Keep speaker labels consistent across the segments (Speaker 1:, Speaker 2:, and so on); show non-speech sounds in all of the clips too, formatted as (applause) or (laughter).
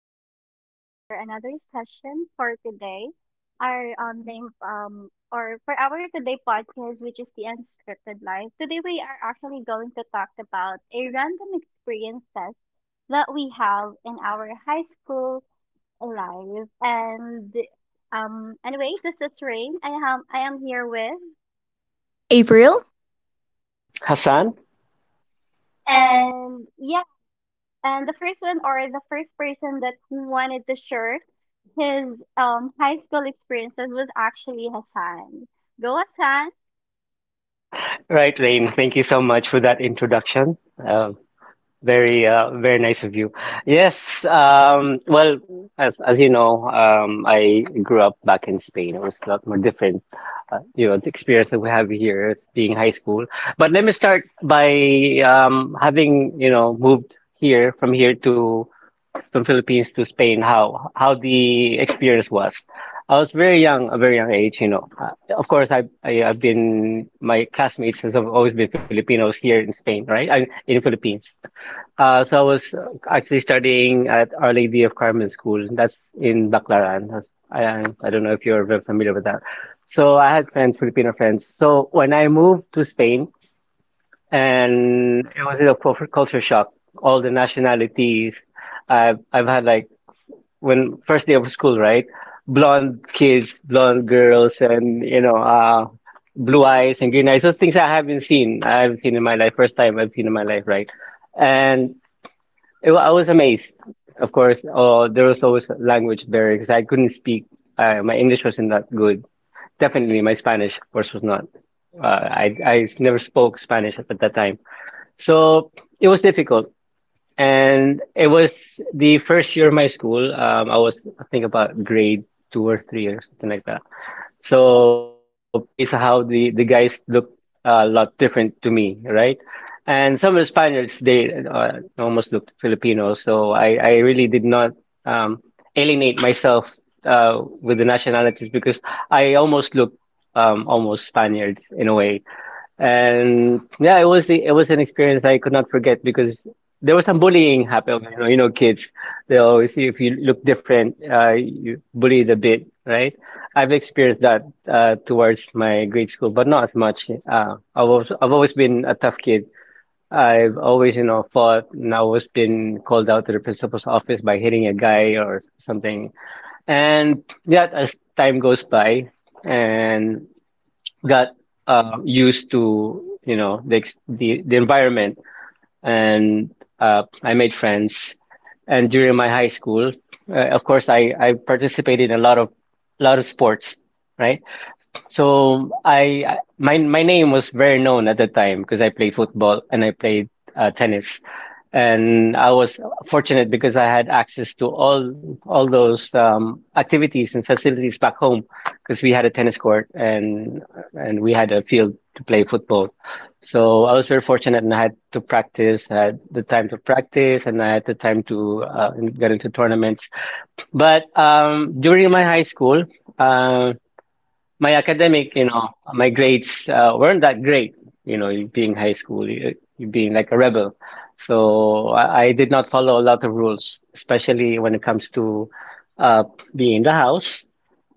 Speaker 1: again to our another session for today. Our name or for our today podcast, which is the unscripted life. Today we are actually going to talk about a random experiences that we have in our high school life. And anyway, this is Rain. I am here with
Speaker 2: April,
Speaker 3: Hassan?
Speaker 1: and yeah. And the first one or the first person that wanted to share his high school experiences was actually Hassan. Go Hassan.
Speaker 3: Right, Rain. Thank you so much for that introduction. Uh, very nice of you. Yes. Well, as you know, I grew up back in Spain. It was a lot more different. The experience that we have here is being high school. But let me start by, having moved here from Philippines to Spain, how the experience was. I was very young, a very young age, you know. Of course, I I've been my classmates have always been Filipinos. Here in Spain, right? In Philippines. So I was, actually studying at Our Lady of Carmen School. That's in Baclaran. I don't know if you're very familiar with that. So I had friends, Filipino friends. So when I moved to Spain, and it was a culture shock. All the nationalities. I've had, like, when first day of school, right? Blonde kids, blonde girls, and blue eyes and green eyes. Those things I haven't seen. I haven't seen in my life. First time I've seen in my life, right? And I was amazed. Of course, there was always language barrier because I couldn't speak. My English wasn't that good. Definitely, my Spanish, of course, was not. I never spoke Spanish at that time, so it was difficult. And it was the first year of my school. I was, I think, about grade two or three or something like that. So I was amazed how the guys looked, a lot different to me, right? And some of the Spaniards, they almost looked Filipino. So I really did not, um, alienate myself, with the nationalities because I almost looked, almost Spaniards in a way. And yeah, it was an experience I could not forget because there was some bullying happened. Kids, they always see if you look different, you bullied a bit, right? I've experienced that, towards my grade school, but not as much. I've always been a tough kid. I've always, fought, and I've always been called out to the principal's office by hitting a guy or something. And yeah, as time goes by, and got, used to the the environment, and I made friends. And during my high school, of course, I participated in a lot of sports, right? So my name was very known at the time because I played football, and I played, tennis, and I was fortunate because I had access to all those, activities and facilities back home because we had a tennis court, and we had a field to play football. So I was very fortunate, and I had to practice, I had the time to practice, and I had the time to, get into tournaments. But, during my high school, uh, my academic, you know, my grades, weren't that great. You know, you being high school, you being like a rebel. So I did not follow a lot of rules, especially when it comes to, uh, being in the house,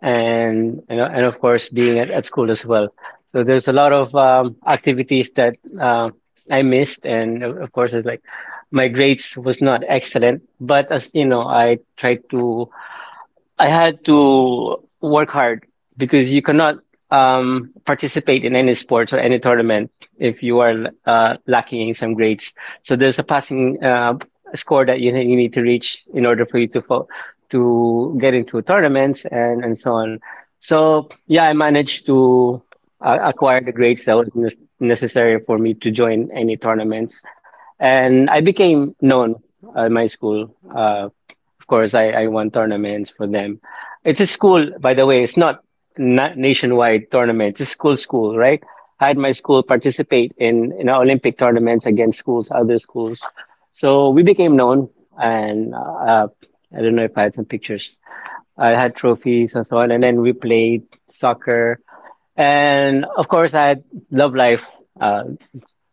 Speaker 3: and of course being at school as well. So there's a lot of, activities that, uh, I missed, and of course it's like my grades was not excellent, but as you know, I had to work hard because you cannot, participate in any sports or any tournament if you are, lacking in some grades. So there's a passing, score that you need to reach in order for you to, to get into tournaments, and so on. So yeah, I managed to, acquire the grades that was necessary for me to join any tournaments, and I became known at my school. Of course, I won tournaments for them. It's a school, by the way. It's not nationwide tournaments. It's school school, right? I had my school participate in Olympic tournaments against schools, other schools. So we became known, and I don't know if I had some pictures. I had trophies and so on, and then we played soccer. And of course, I had love life. Uh.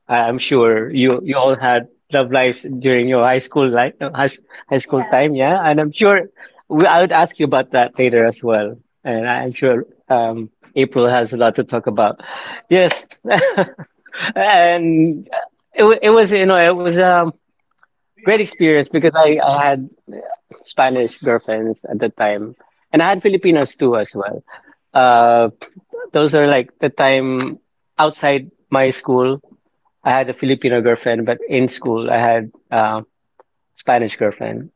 Speaker 3: I'm sure you all had love lives during your high school life, high school time, yeah. And I'm sure, I would ask you about that later as well. And I'm sure, April has a lot to talk about. Yes, (laughs) and it wa- it was you know it was a great experience because I had Spanish girlfriends at the time, and I had Filipinos too as well. Uh, those are, like, the time outside my school. I had a Filipino girlfriend, but in school I had, Spanish girlfriend,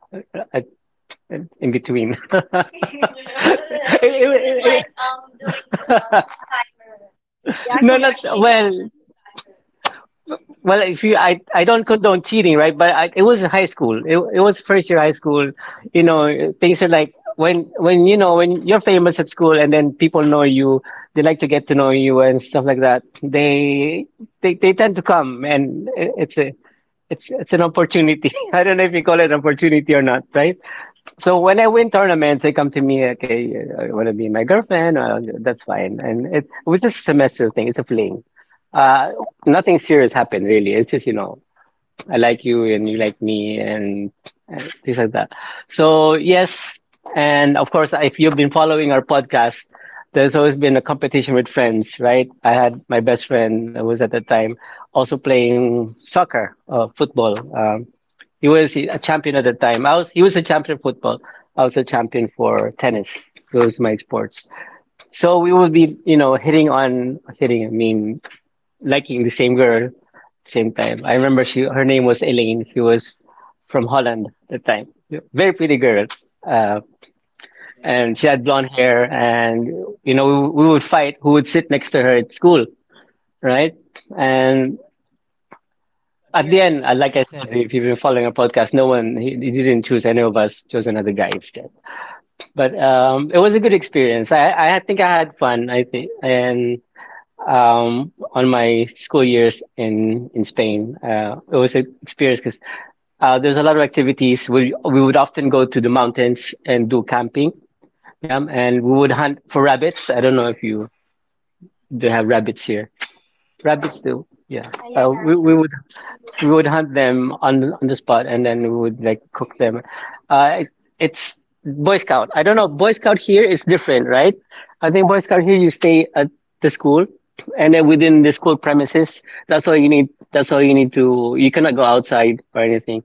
Speaker 3: I, in between. (laughs) (laughs) It- it's it- (laughs)
Speaker 1: He
Speaker 3: no, not
Speaker 1: actually
Speaker 3: well. Well, if you, I don't condone cheating, right? But, it was high school. It was first year high school. You know, things are like when you're famous at school, and then people know you, they like to get to know you and stuff like that. They tend to come, and it, it's a, it's, it's an opportunity. (laughs) I don't know if you call it an opportunity or not, right? So when I win tournaments, they come to me, okay, I want to be my girlfriend. That's fine. And it was just a semester thing. It's a fling. Uh, Nothing serious happened really. It's just, you know, I like you and you like me, and, things like that. So yes, and of course, if you've been following our podcast, there's always been a competition with friends, right? I had my best friend who was at the time also playing soccer, football. He was a champion at the time. I was he was a champion for football. I was a champion for tennis. Those are my sports. So we will be, hitting on hitting. I mean, liking the same girl same time. I remember she her name was Elaine. She was from Holland at the time. Very pretty girl. Uh, and she had blonde hair, and we would fight who would sit next to her at school, right? And at the end, like I said, if you've been following our podcast, no one he didn't choose any of us, chose another guy instead. But, it was a good experience. I think I had fun. I think. And on my school years in Spain. It was an experience because, there's a lot of activities. We would often go to the mountains and do camping. Yeah, and we would hunt for rabbits. I don't know if you do have rabbits here. Rabbits do. Yeah.
Speaker 1: yeah.
Speaker 3: Uh, we we would we would hunt them on on the spot, and then we would, like, cook them. Uh it, it's Boy Scout. I don't know, Boy Scout here is different, right? I think Boy Scout here you stay at the school, and then within the school premises, that's all you need that's all you need to, you cannot go outside or anything.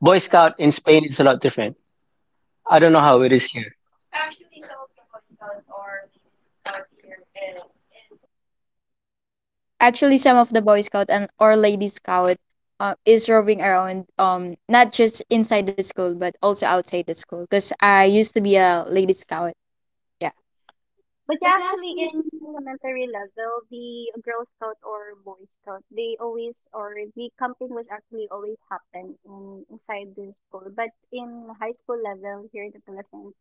Speaker 3: Boy Scout in Spain is a lot different. I don't know how it is here.
Speaker 2: actually, some of the Boy Scout and or Lady Scout is roving around, not just inside the school but also outside the school. Because I used to be a Lady Scout. Yeah.
Speaker 1: But yeah, actually, in elementary level, the Girl Scout or Boy Scout, they always or the camping was actually always happen in inside the school. But in high school level here in the Philippines,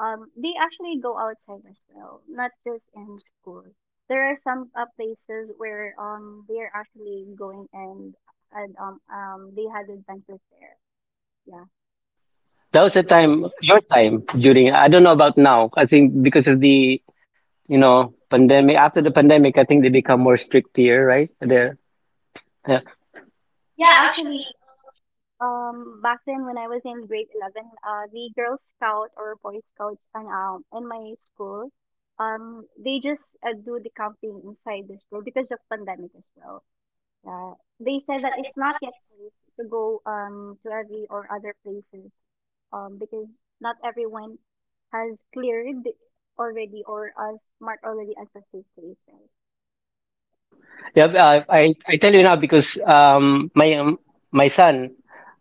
Speaker 1: they actually go outside as well, not just in school. There are some places where they are actually going and they had adventures there. Yeah,
Speaker 3: That was the time, your time. During, I don't know about now, I think, because of the, pandemic. After the pandemic, I think they become more strict here, right there. Yeah.
Speaker 1: yeah, actually back then when I was in grade 11, the Girl Scout or Boy Scouts and in my school, they just do the camping inside the school because of pandemic as well. Yeah, they said that it's not yet safe to go to every or other places, because not everyone has cleared already or as marked already as a safe place, right?
Speaker 3: Yeah, I tell you now because, my son,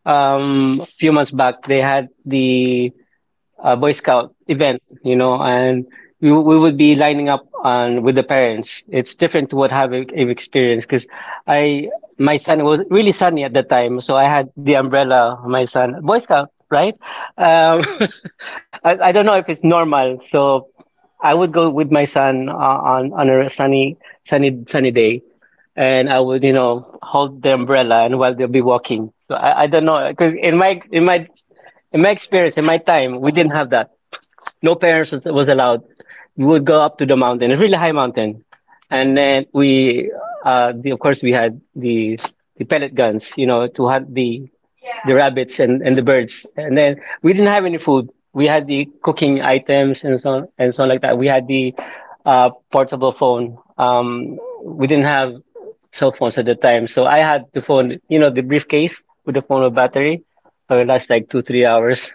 Speaker 3: a few months back, they had the, Boy Scout event, you know, and we would be lining up on with the parents. It's different to what have I've experienced because I my son was really sunny at the time, so I had the umbrella. My son, Boy Scout, right? Um, (laughs) I don't know if it's normal. So I would go with my son, on a sunny day, and I would, hold the umbrella and while they'll be walking. So I don't know because in my experience, in my time, we didn't have that. No parents was allowed. We would go up to the mountain, a really high mountain, and then of course, we had the pellet guns, you know, to hunt the rabbits and the birds. And then we didn't have any food. We had the cooking items and so on like that. We had the, portable phone. We didn't have cell phones at the time, so I had the phone, you know, the briefcase with the phone with battery. It would last like 2-3 hours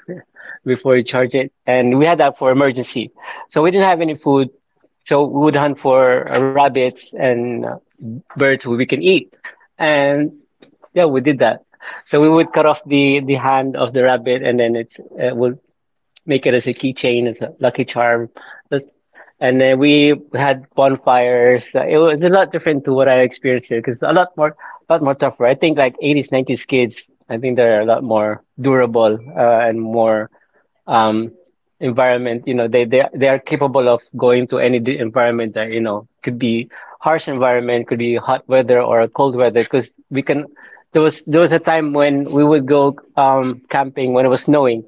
Speaker 3: before you charge it. And we had that for emergency. So we didn't have any food. So we would hunt for rabbits and birds we can eat. And yeah, we did that. So we would cut off the hand of the rabbit and then we'll make it as a keychain, as a lucky charm. But— and then we had bonfires. It was a lot different to what I experienced here because a lot more tougher. I think like 80s, 90s kids, I think they're a lot more durable and more um, environment, you know, they are capable of going to any environment that, you know, could be harsh environment, could be hot weather or cold weather, because we can. There was a time when we would go camping when it was snowing.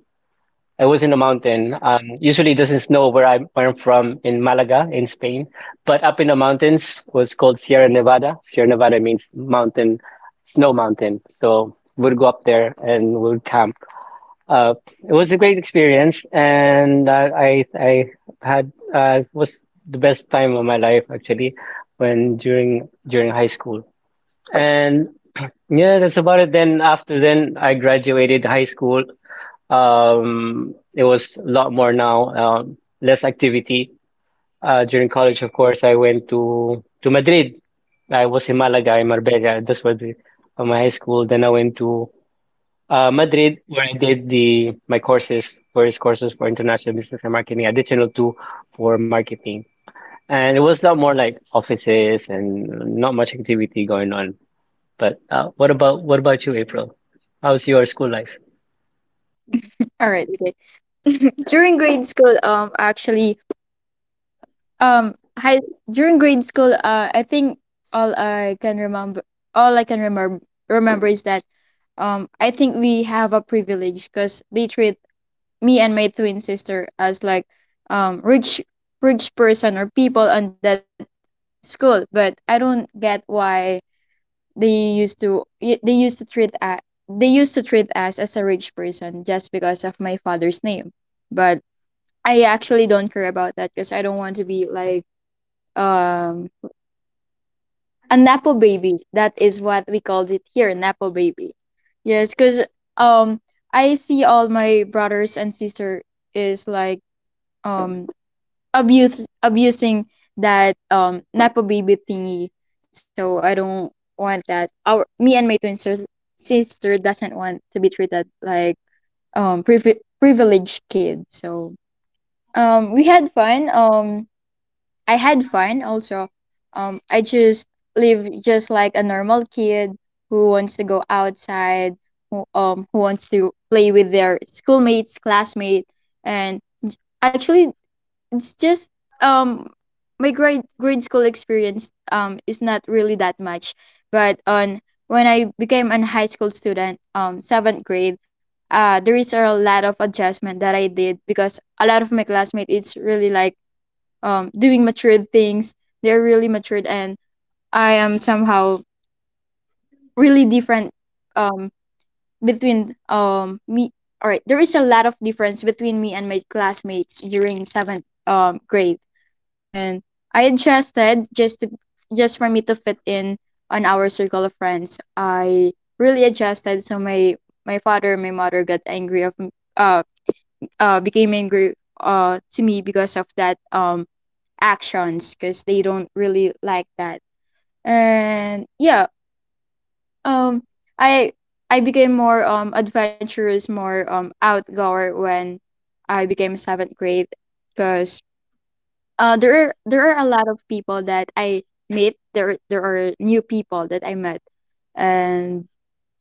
Speaker 3: I was in a mountain. Usually it doesn't snow where I'm from in Malaga in Spain, but up in the mountains was called Sierra Nevada. Sierra Nevada means mountain, snow mountain. So we'd go up there and we'd camp uh, it was a great experience, and I had was the best time of my life actually when during high school. And yeah, that's about it. Then after then, I graduated high school. It was a lot more now, less activity. During college, of course, I went to Madrid. I was in Malaga, in Marbella. That's where the, my high school. Then I went to Madrid, where I did the my courses, various courses for international business and marketing, additional two for marketing. And it was a lot more like offices and not much activity going on. But what about you, April? How's your school life?
Speaker 1: Mhm.
Speaker 2: All right. Okay. During grade school, actually, high during grade school, I think all I can remember, all I can remember is that, I think we have a privilege because they treat me and my twin sister as like um rich rich person or people on that school, but I don't get why they used to treat they used to treat us as a rich person just because of my father's name. But I actually don't care about that, because I don't want to be like um a napo baby. That is what we called it here, napo baby. Yes, because um I see all my brothers and sister is like um abuse abusing that nepo baby thingy. So I don't want that. Our Me and my twin sister doesn't want to be treated like privileged kid. So we had fun. I had fun also. I just live just like a normal kid who wants to go outside, who wants to play with their schoolmates, classmate, and actually it's just um my grade school experience is not really that much. But on when I became an high school student, seventh grade, there is a lot of adjustment that I did, because a lot of my classmates it's really like doing matured things. They're really matured and I am somehow really different um between me all right, there is a lot of difference between me and my classmates during seventh grade. And I adjusted just for me to fit in on our circle of friends. I really adjusted, so my father and my mother got angry of m- uh became angry to me because of that actions, because they don't really like that. And yeah, um, I I became more adventurous, more outgoer when I became seventh grade, because there are a lot of people that I met. There are new people that I met, and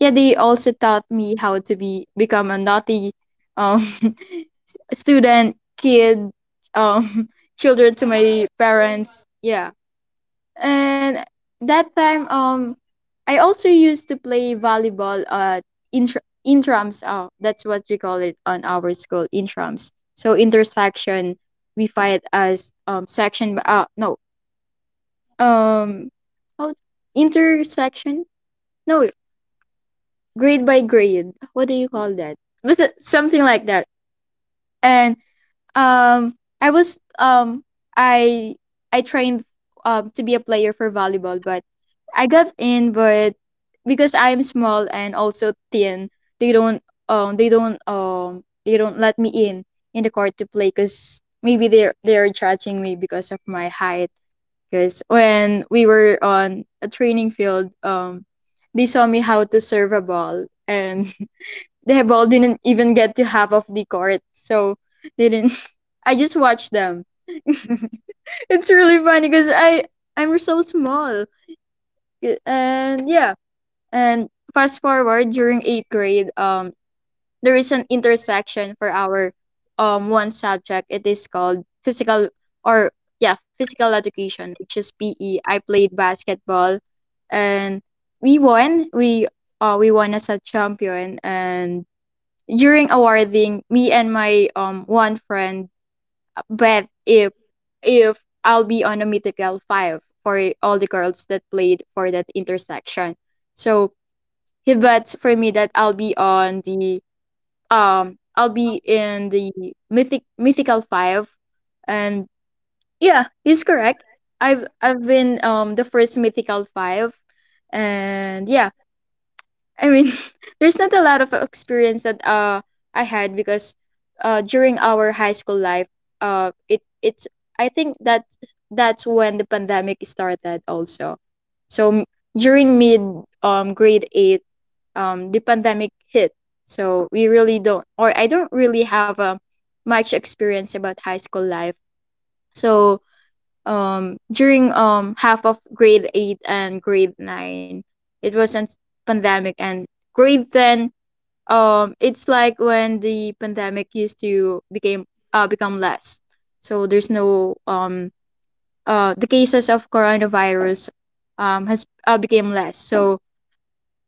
Speaker 2: yeah, they also taught me how to be become a naughty um (laughs) student, kid, um (laughs) children to my parents. Yeah. And that time, I also used to play volleyball intrams. Oh, that's what we call it on our school, intrams. So intersection, we fight as section. By- no, um, how Intersection? No, grade by grade. What do you call that? Was it something like that? And I was I I trained to be a player for volleyball, but I got in. But because I am small and also thin, they don't they don't let me in the court to play, because maybe they're judging me because of my height. Because when we were on a training field, they saw me how to serve a ball, and (laughs) the ball didn't even get to half of the court, so they didn't. I just watch them. (laughs) It's really funny because I'm so small. Y- and Yeah. And fast forward, during eighth grade, there is an intersection for our one subject. It is called physical or yeah physical education, which is PE. I played basketball, and we won we we won as a champion. And during awarding, me and my one friend, But if if I'll be on a mythical five for all the girls that played for that intersection. So he bets for me that I'll be on the I'll be in the mythical five. And yeah, he's correct. I've been the first mythical five. And yeah, I mean, (laughs) there's not a lot of experience that I had, because during our high school life, it's, I think, that that's when the pandemic started also. So m- During mid grade 8, the pandemic hit. So we really don't, or I don't really have much experience about high school life. So during half of grade 8 and grade 9, it wasn't pandemic. And grade 10, it's like when the pandemic used to became become less. So there's no the cases of coronavirus has became less. So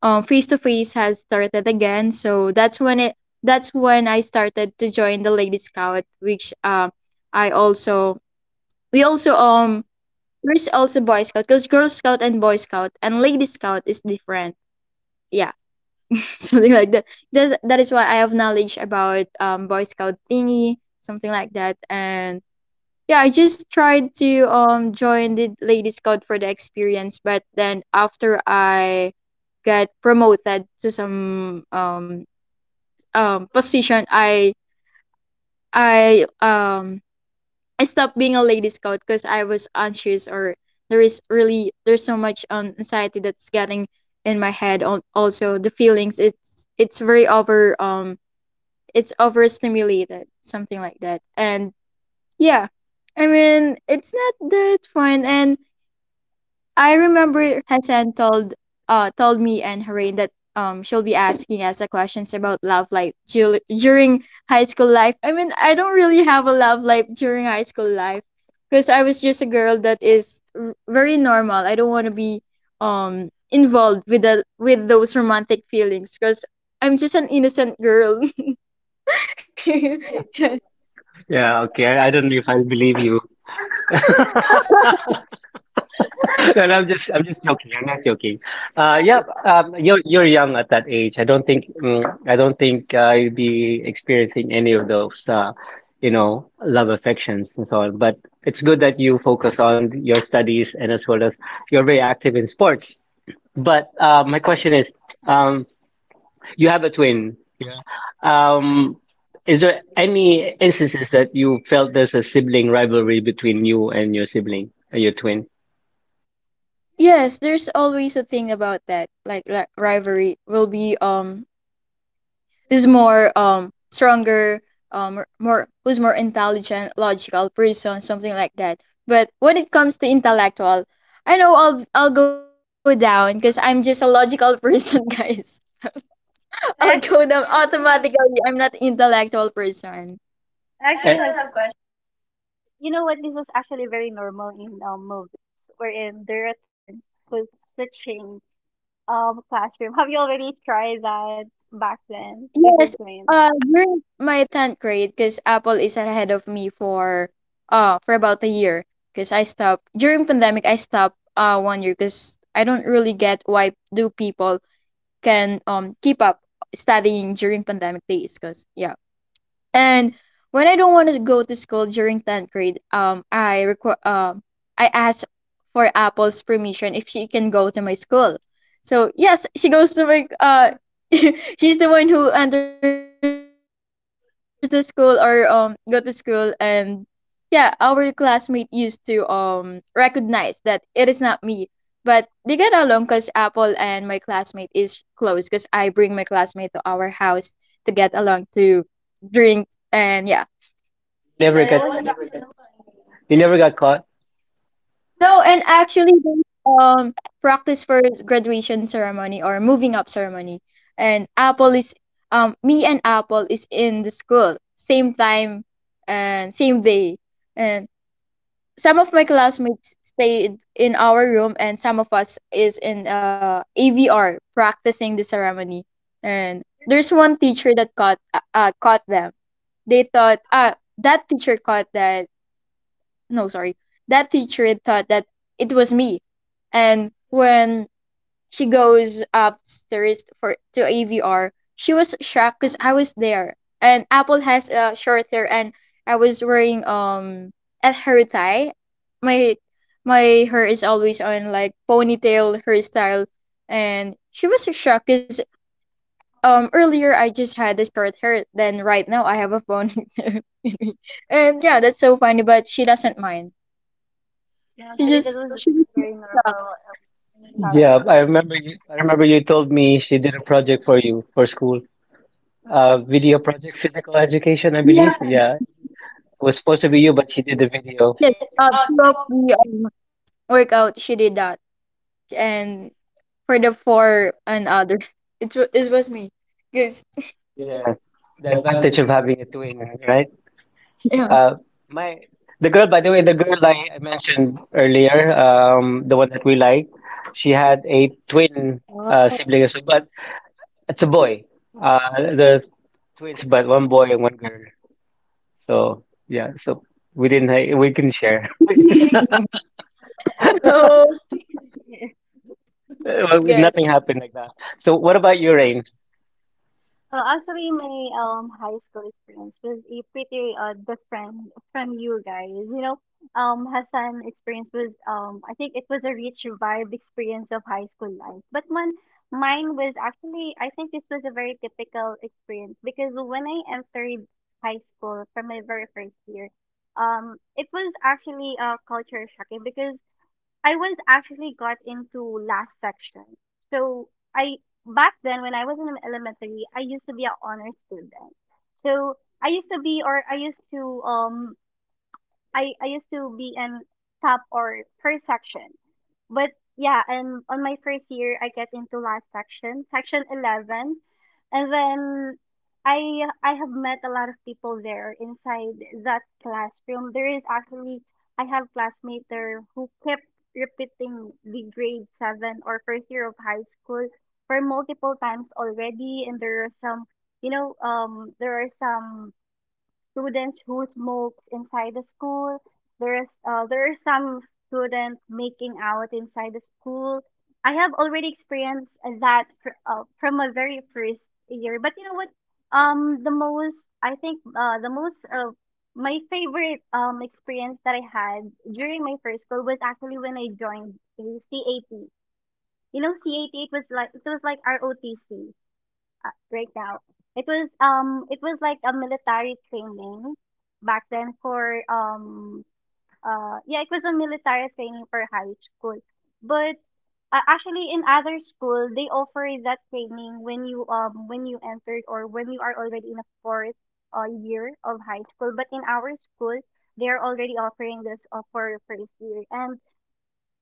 Speaker 2: face to face has started again. So that's when I started to join the Lady Scout, which I also we also there's also Boy Scout, because Girl Scout and Boy Scout and Lady Scout is different. Yeah. (laughs) Something like that. That is why I have knowledge about Boy Scout thingy, something like that. And yeah, I just tried to join the Lady Scout for the experience. But then after I got promoted to some position, I um I stopped being a Lady Scout because I was anxious, or there is really there's so much anxiety that's getting in my head on also the feelings. It's very over it's overstimulated, something like that. And yeah, I mean, it's not that fun. And I remember Hassan told me and Harin that she'll be asking us the questions about love life during high school life. I mean, I don't really have a love life during high school life, because I was just a girl that is very normal. I don't want to be involved with the with those romantic feelings, because I'm just an innocent girl. (laughs)
Speaker 3: Yeah, okay. I don't know if I believe you. (laughs) (laughs) No, no, I'm just joking. I'm not joking. Yeah, you're young at that age. I don't think I don't think I'll be experiencing any of those, you know, love affections and so on. But it's good that you focus on your studies and as well as you're very active in sports. But my question is, um, you have a twin. Yeah. Um, is there any instances that you felt there's a sibling rivalry between you and your sibling and your twin?
Speaker 2: Yes, there's always a thing about that. Like rivalry will be who's more stronger, r- more who's more intelligent, logical person, something like that. But when it comes to intellectual, I know I'll go down because I'm just a logical (laughs) person, guys. I'll go down
Speaker 1: I actually
Speaker 2: automatically. I'm not intellectual person.
Speaker 1: I
Speaker 3: Eh,
Speaker 1: actually have. You know what? This was actually very normal in movies, wherein there are twins who's switching classroom. (laughs) Have you already tried that back then with your
Speaker 2: Yes,
Speaker 1: twins?
Speaker 2: during my 10th grade, because Apple is ahead of me for about a year, because I stopped during pandemic. I stopped 1 year, because I don't really get why do people can keep up studying during pandemic days. Because yeah. And when I don't want to go to school during 10th grade, I asked for Apple's permission if she can go to my school. So yes, she goes to my (laughs) she's the one who enters the school or go to school. And yeah, our classmate used to recognize that it is not me, but they get along because Apple and my classmate is close, because I bring my classmate to our house to get along to drink. And yeah.
Speaker 3: You never.
Speaker 1: Yeah,
Speaker 3: Yeah, got
Speaker 1: that was
Speaker 3: you never got caught.
Speaker 2: No, and actually they um practice for graduation ceremony or moving up ceremony. And Apple is me and Apple is in the school same time and same day. And some of my classmates stayed in our room and some of us is in AVR practicing the ceremony. And there's one teacher that caught them. They thought that teacher caught that, no sorry, that teacher thought that it was me. And when she goes upstairs for to AVR, she was shocked because I was there, and Apple has short hair, and I was wearing at her tie my my hair is always on like ponytail hairstyle. And she was shocked because earlier I just had the short hair, then right now I have a ponytail. (laughs) And yeah, that's so funny, but she doesn't mind.
Speaker 1: yeah,
Speaker 2: She
Speaker 1: actually
Speaker 2: just
Speaker 1: that was
Speaker 2: she
Speaker 1: very, very normal in
Speaker 3: Yeah, I
Speaker 1: childhood.
Speaker 3: remember. Yeah, you I remember you told me she did a project for you for school. Video project, physical education, I believe. Yeah. Yeah. It was supposed to be you, but she did the video.
Speaker 2: did the workout. She did that, and for the four and other, (laughs) it was me, because
Speaker 3: Yeah. The advantage of having a twin, right?
Speaker 2: yeah.
Speaker 3: Uh my the girl, by the way, the girl I mentioned earlier, the one that we like, she had a twin
Speaker 2: (laughs)
Speaker 3: sibling as well, but it's a boy. Uh, they're twins, but one boy and one girl. So yeah, so we didn't we couldn't share. (laughs)
Speaker 2: So
Speaker 3: Well,
Speaker 2: good.
Speaker 3: nothing happened like that. So what about you, Rain?
Speaker 1: Well, actually, my high school experience was a pretty different from you guys. You know, Hassan experience was I think it was a rich vibe experience of high school life. But man, mine was actually I think this was a very typical experience because when I entered high school from my very first year, it was actually a culture shocking because I was actually got into last section. So I back then when I was in elementary, I used to be an honor student. So I used to be or I used to I used to be in top or first section. But yeah, and on my first year I get into last section, section 11. And then I I have met a lot of people there inside that classroom. There is actually I have classmates there who kept repeating the grade 7 or first year of high school for multiple times already, and there are some, you know, there are some students who smokes inside the school. There is there are some students making out inside the school. I have already experienced that from my very first year. But you know what? The most my favorite experience that I had during my first school was actually when I joined a CAT. You know, CAT it was like ROTC right now. It was like a military training back then for yeah, it was a military training for high school. But actually in other school they offer that training when you entered or when you are already in a fourth year of high school. But in our school they are already offering this for your first year. And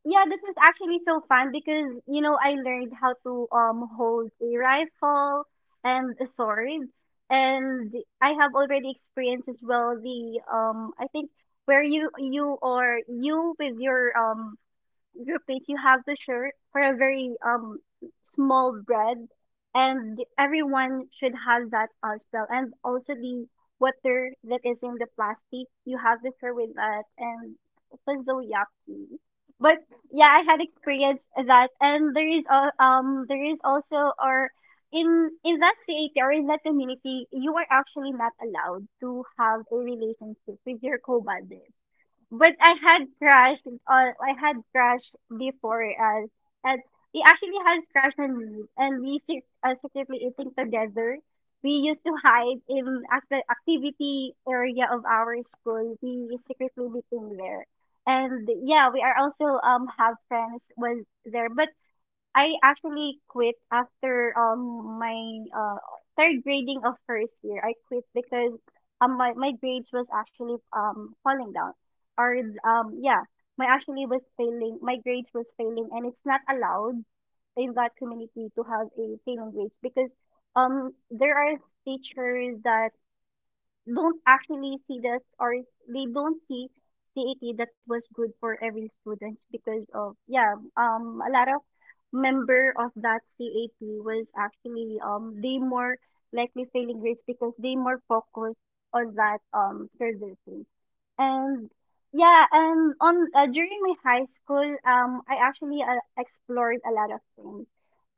Speaker 1: yeah, this was actually so fun because you know I learned how to hold a rifle and a sword, and I have already experienced as well the I think where you or you with your groupmates, you have to share for a very small bread, and everyone should have that as well. And also the water that is in the plastic, you have to share with that, and also was so yucky. But yeah, I had experienced that, and there is there is also or in in that CAT or in that community, you are actually not allowed to have a relationship with your co-bandmates, but I had crashed before us, and we actually had crash and leave, and we secretly eating together. We used to hide in the activity area of our school. We secretly meeting there. And yeah, we are also have friends was there. But I actually quit after my uh third grading of first year. I quit because my grades was actually falling down or yeah my actually was failing my grades was failing, and it's not allowed in that community to have a failing grades because there are teachers that don't actually see this or they don't see CET that was good for every student because of yeah a lot of member of that CAT was actually they more likely failing grades because they more focused on that servicing. And yeah, and on during my high school I actually explored a lot of things,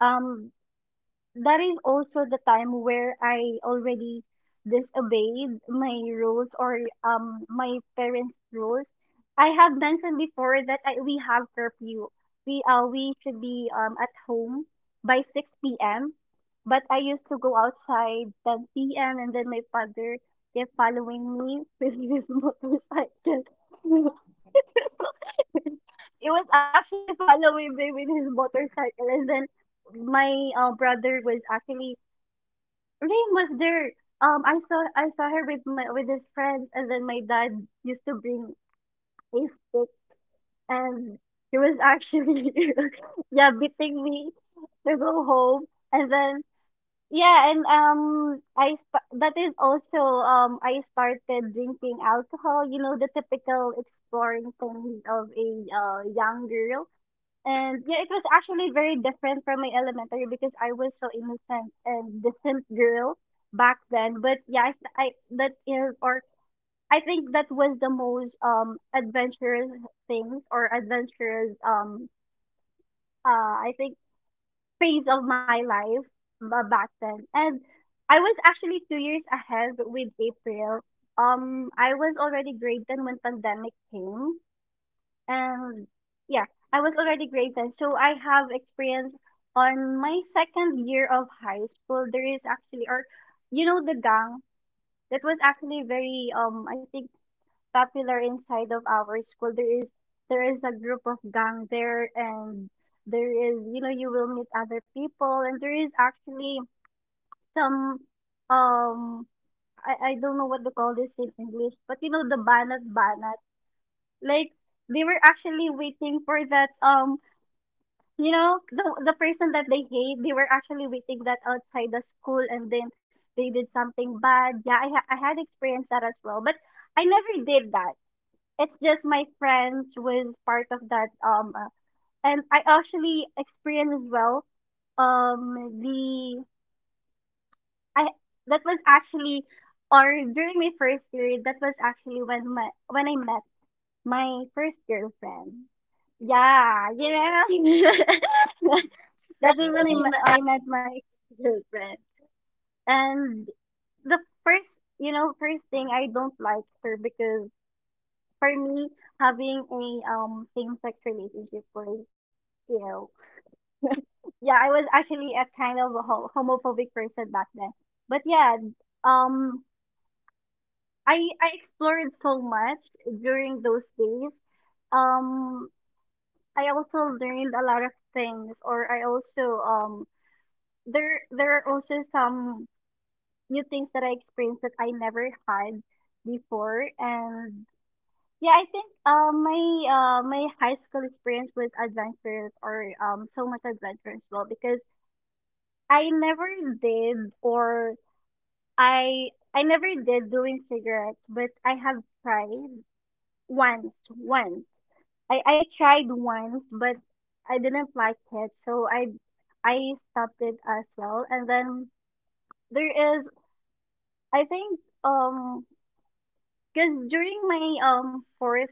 Speaker 1: um that is also the time where I already disobeyed my rules or my parents' rules. I have mentioned before that I, we have curfew. We should be at home by 6 p.m. But I used to go outside 10 p.m., and then my father kept following me with his (laughs) motorcycle. (laughs) He was actually following me with his motorcycle, and then my brother was actually Rain was there. I saw her with my with his friends, and then my dad used to bring a stick, and he was actually (laughs) yeah beating me to go home. And then yeah, and that is also I started drinking alcohol, you know, the typical exploring things of a young girl. And yeah, it was actually very different from my elementary because I was so innocent and decent girl back then. But yeah, I that is or I think that was the most adventurous things or adventurous uh I think phase of my life back then. And I was actually 2 years ahead with April. I was already grade ten when pandemic came, and yeah, I was already grade 10. So I have experience on my second year of high school. There is actually, or you know, the gang that was actually very, I think popular inside of our school. There is a group of gang there, and there is, you know, you will meet other people, and there is actually some, um, I don't know what to call this in English, but you know, the banat banat. Like, they were actually waiting for that you know the person that they hate, they were actually waiting that outside the school, and then they did something bad. Yeah, I had experienced that as well, but I never did that. It's just my friends was part of that and I actually experienced as well um the I that was actually or during my first period, that was actually when my when I met my first girlfriend. Yeah, you know. (laughs) That was when I met my girlfriend. And the first, you know, first thing I don't like her because for me, having a same sex relationship was, you know, yeah, I was actually a kind of a homophobic person back then. But yeah, um, I explored so much during those days. Um, I also learned a lot of things, or I also there there are also some new things that I experienced that I never had before. And yeah, I think my high school experience was adventurous or so much adventurous as well because I never did or I never did doing cigarettes, but I have tried once. I tried once, but I didn't like it, so I stopped it as well. And then there is I think because during my fourth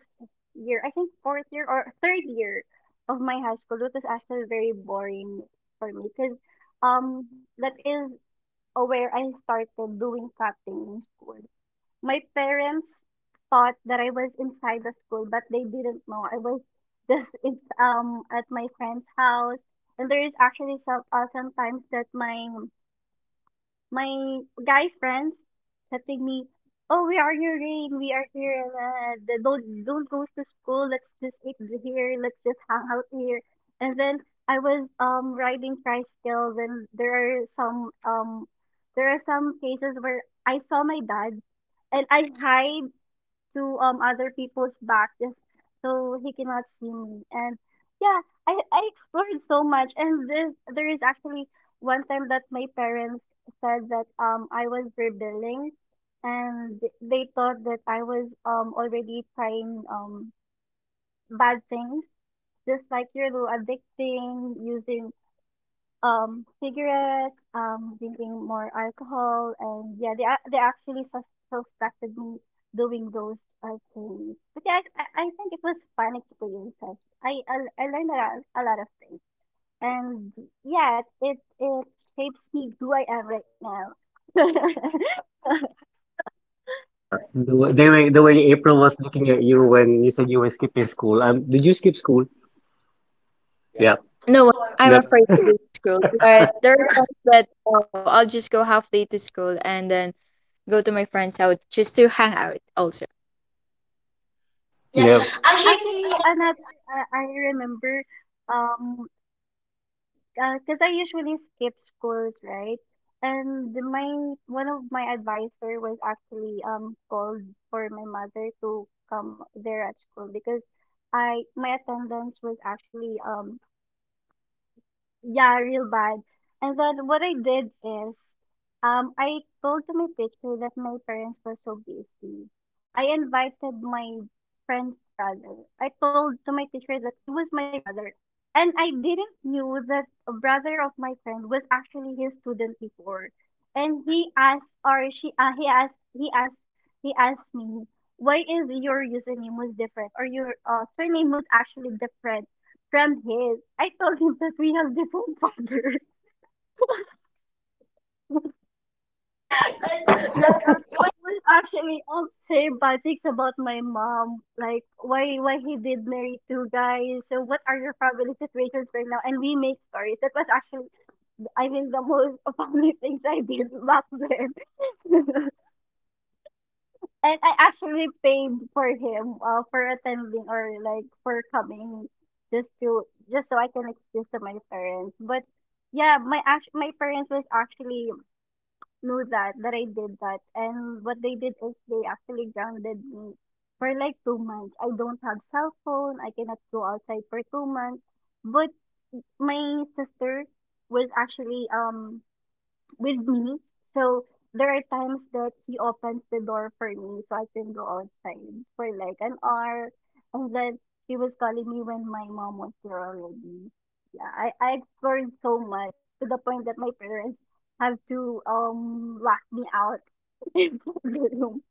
Speaker 1: year, I think fourth year or third year of my high school, it was actually very boring for me because that is where I started doing cutting in school. My parents thought that I was inside the school, but they didn't know I was just it's at my friend's house. And there is actually some sometimes that my guy friends telling me, "Oh, we are your rain. We are here. And, don't go to school. Let's just eat here. Let's just hang out here." And then I was riding tricycle. Then there are some cases where I saw my dad, and I hide to other people's back just so he cannot see me. And yeah, I explored so much. And this there is actually one time that my parents said that I was rebelling, and they thought that I was already trying bad things, just like addicting, using cigarettes, drinking more alcohol, and yeah, they actually suspected me doing those things. But yeah, I think it was fun experiences. I learned a lot of things, and yeah, it shapes me who I am right now. (laughs) Yeah,
Speaker 3: Yeah, the, the way April was looking at you when you said you were skipping school. Did you skip school? Yeah,
Speaker 2: No, I'm
Speaker 3: never.
Speaker 2: afraid to go to school, but there are times that, oh, I'll just go half day to school and then go to my friend's house just to hang out. Also,
Speaker 3: Yeah.
Speaker 1: actually, another I remember um cause I usually skip schools, right? And my one of my advisor was actually called for my mother to come there at school because I my attendance was actually yeah, real bad. And then what I did is, I told to my teacher that my parents were so busy. I invited my friend's brother. I told to my teacher that he was my brother. And I didn't knew that a brother of my friend was actually his student before. And he asked, or she, he asked, he asked, he asked me, why is your username was different, or your surname was actually different? From his. I told him that we have different (laughs) fathers. And yeah. Well, actually, all same but things about my mom, like why he did marry two guys. So what are your family situations right now? And we make stories. That was actually, I mean, the most (laughs) family things I did back then. (laughs) And I actually paid for him for attending or like for coming just to just so I can excuse to my parents. But yeah, my parents was actually know that I did that. And what they did is they actually grounded me for like 2 months. I don't have cell phone. I cannot go outside for 2 months. But my sister was actually with me. So there are times that he opens the door for me so I can go outside for like an hour. And then he was calling me when my mom was there already. Yeah, I explored so much to the point that my parents have to lock me out (laughs) in the room.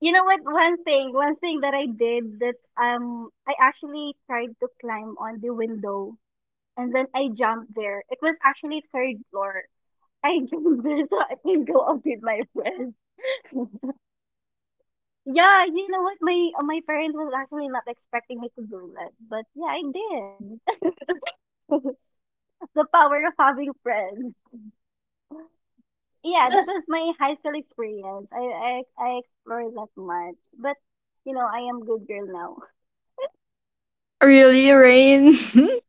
Speaker 1: You know what? One thing that I did that I actually tried to climb on the window and then I jumped there. It was actually third floor I (laughs) came there so I can go out with my friends. Yeah, you know what? My parents was actually not expecting me to do that, but yeah, I did. (laughs) The power of having friends. Yeah,
Speaker 3: Yeah.
Speaker 1: that was my high school experience. I explored that much, but you know, I am good girl now. (laughs)
Speaker 2: really, Rain. (laughs)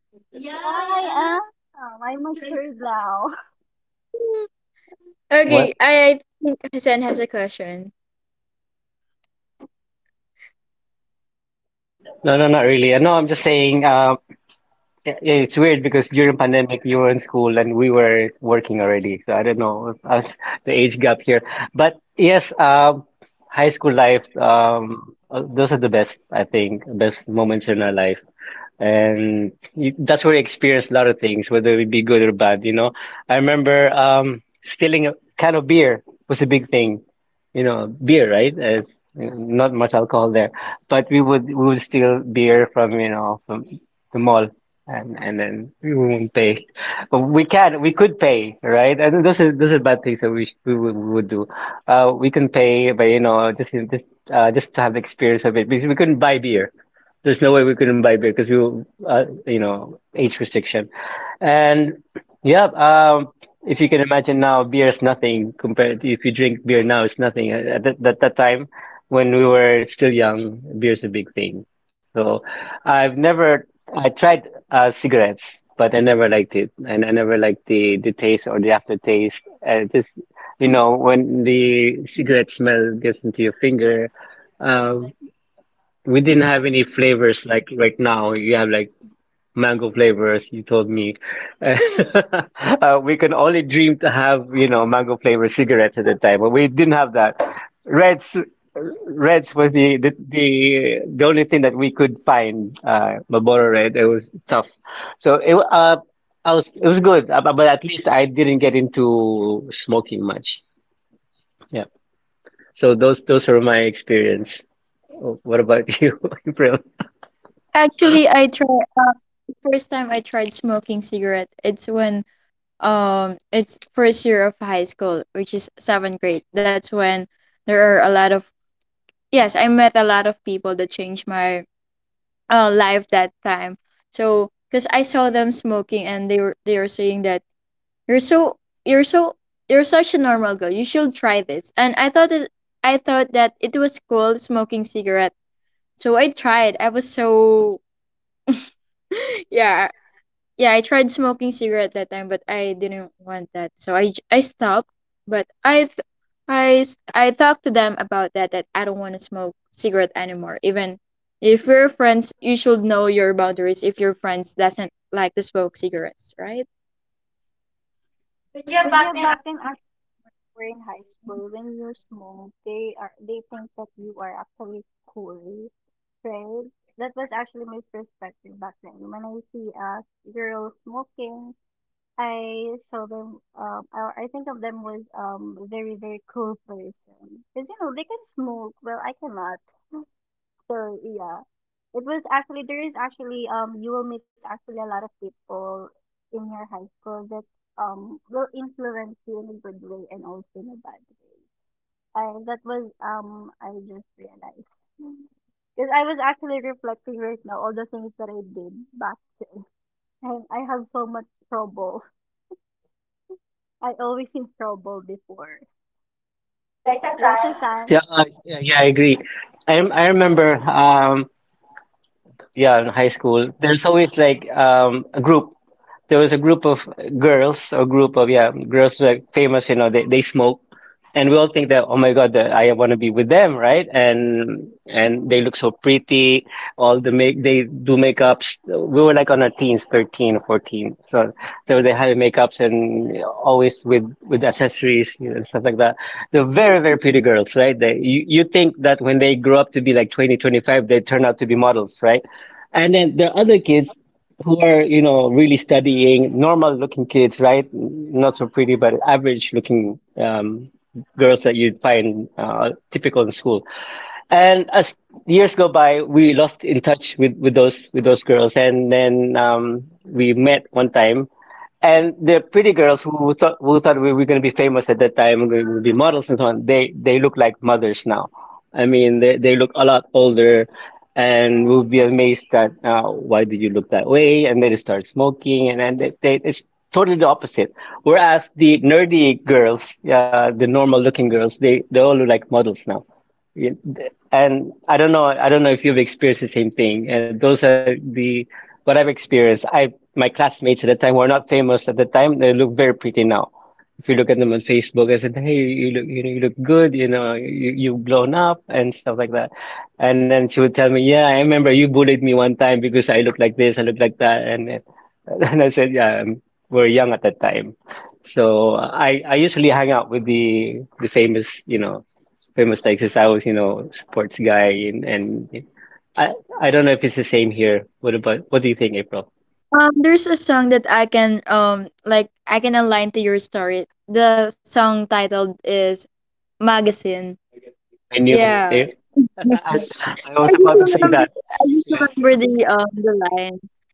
Speaker 1: Yeah, I am. I matured now.
Speaker 3: What?
Speaker 2: Okay, I think Hassan has a question.
Speaker 3: No, no, not really. No, I'm just saying. Yeah, yeah, it's weird because during pandemic you were in school and we were working already. So I don't know (laughs) the age gap here, but yes, high school life. Those are the best, I think, best moments in our life and you, that's where you experience a lot of things, whether it be good or bad. You know, I remember stealing a can of beer was a big thing. You know, beer, right? As not much alcohol there, but we would steal beer from you know from the mall, and then we wouldn't pay. But we can we could pay, right? And those are bad things that we we would do. We can pay, but you know, just to have the experience of it because we couldn't buy beer, there's no way we couldn't buy beer because we were, you know, age restriction. And yeah, if you can imagine now, beer is nothing compared to if you drink beer now, it's nothing. At that time, when we were still young, beer's a big thing. So I've never, I tried cigarettes, but I never liked it. And I never liked the taste or the aftertaste. And just, you know, when the cigarette smell gets into your finger, uh, we didn't have any flavors like right now. You have like mango flavors, you told me. (laughs) We can only dream to have, you know, mango flavor cigarettes at the time, but we didn't have that. Reds, Reds was the only thing that we could find. Marlboro Red. It was tough. So it I was it was good, but at least I didn't get into smoking much. Yeah. So those are my experience. Oh, what about you, (laughs) April?
Speaker 2: Actually, I try. First time I tried smoking cigarette, it's when it's first year of high school, which is seventh grade. That's when there are a lot of, yes, I met a lot of people that changed my life that time. So because I saw them smoking, and they were saying that you're so you're so you're such a normal girl, you should try this. And I thought that it was cool smoking cigarette. So I tried. I was so (laughs) yeah. Yeah, I tried smoking cigarette that time, but I didn't want that, so I stopped. But I th- I s- I talked to them about that, that I don't want to smoke cigarette anymore. Even if we're friends, you should know your boundaries. If your friends doesn't like to smoke cigarettes, right?
Speaker 1: (laughs) But yeah, back then were in high school, when you smoke, they think that you are actually cool, right? That was actually my perspective back then. When I see a girl smoking, I saw them. I think of them as very very cool person because you know they can smoke. Well, I cannot. So yeah, it was actually there is actually you will meet actually a lot of people in your high school that will influence you in a good way and also in a bad way. I That was I just realized because I was actually reflecting right now all the things that I did back then, and I have so much trouble. I always in trouble before, right, Hassan?
Speaker 3: Yeah, I agree. I I remember yeah, in high school, there's always like a group. There was a group of girls, or group of yeah, girls like famous. You know, they smoke, and we all think that oh my god, that I want to be with them, right? And they look so pretty. All the make they do makeups. We were like on our teens, 13, 14. So so they had makeups and always with accessories, you know, and stuff like that. They're very very pretty girls, right? They you you think that when they grow up to be like 20, 25, they turn out to be models, right? And then there are other kids who are, you know, really studying, normal looking kids, right? Not so pretty, but average looking girls that you'd find typical in school. And as years go by, we lost in touch with those girls, and then we met one time, and the pretty girls who thought we were going to be famous at that time, we would be models and so on. They look like mothers now, I mean, they look a lot older, and will be amazed that why did you look that way? And then they start smoking, and then they it's totally the opposite. Whereas the nerdy girls, the normal looking girls, they all look like models now. Yeah, and I don't know if you've experienced the same thing. And those are the what I've experienced. I my classmates at the time were not famous at the time, they look very pretty now. If you look at them on Facebook, I said, "Hey, you look, you know, you look good. You know, you you've blown up and stuff like that." And then she would tell me, "Yeah, I remember you bullied me one time because I look like this, I look like that." And then— (laughs) and I said, "Yeah, we're young at that time." So I usually hang out with the famous, you know, famous like was, you know, sports guy, and I I don't know if it's the same here. What about what do you think, April?
Speaker 2: There's a song that I can I can align to your story. The song titled is Magazine. I
Speaker 3: I knew
Speaker 2: hear it, yeah. (laughs)
Speaker 3: I, I
Speaker 2: I
Speaker 3: was
Speaker 2: just
Speaker 3: about to say
Speaker 2: remember,
Speaker 3: that.
Speaker 2: I just
Speaker 3: Yes.
Speaker 2: remember the line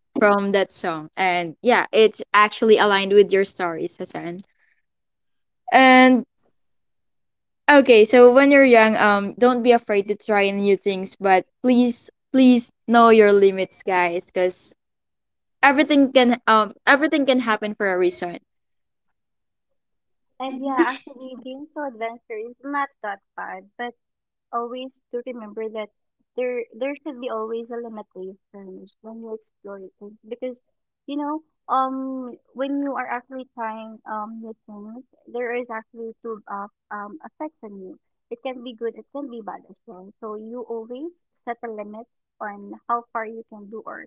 Speaker 2: from that song, and yeah, it's actually aligned with your story, Sasan. And okay, so when you're young, don't be afraid to try new things, but please, please know your limits, guys, because everything can happen for a reason.
Speaker 1: And yeah, actually being so adventurous is not that bad, but always to remember that there should be always a limitations when you explore things because you know when you are actually trying new things there is actually two effects on you, it can be good, it can be bad as well, so you always set a limit on how far you can do or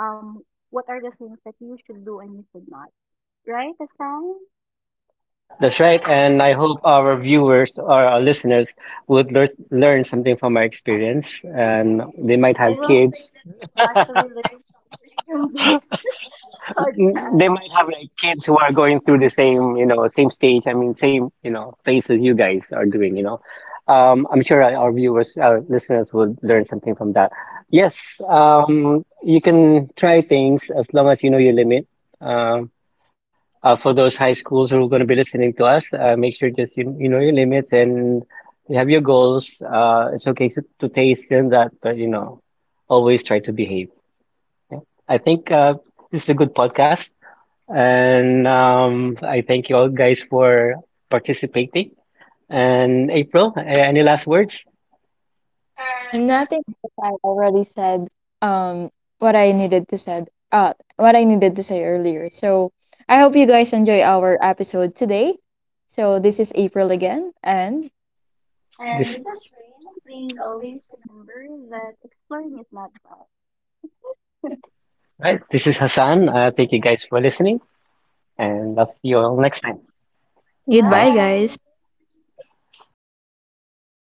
Speaker 1: um what are the things that you should do and you should not, right, Aslan?
Speaker 3: That's right, and I hope our viewers or our listeners would learn something from our experience, and they might
Speaker 1: I
Speaker 3: have
Speaker 1: will
Speaker 3: kids.
Speaker 1: (laughs) actually listen to this
Speaker 3: (laughs)
Speaker 1: (laughs)
Speaker 3: Mm, they
Speaker 1: podcast.
Speaker 3: might have like kids who are going through the same, you know, same stage. I mean, same, you know, phases you guys are doing. You know, I'm sure our viewers, our listeners, would learn something from that. Yes, you can try things as long as you know your limit. Um, for those high schools who are going to be listening to us, make sure just you you know your limits and you have your goals. It's okay to taste in that, but you know, always try to behave. Yeah. I think this is a good podcast. And I thank you all guys for participating. And April, any last words?
Speaker 2: Nothing, because I already said um what I needed to say earlier. So I hope you guys enjoy our episode today. So this is April again, and
Speaker 1: And
Speaker 3: This,
Speaker 1: this is Rain. Please always remember that exploring is not bad.
Speaker 3: right, this is Hassan. Thank you guys for listening, and I'll see you all next time.
Speaker 2: goodbye,
Speaker 3: Bye.
Speaker 1: Bye.
Speaker 2: guys.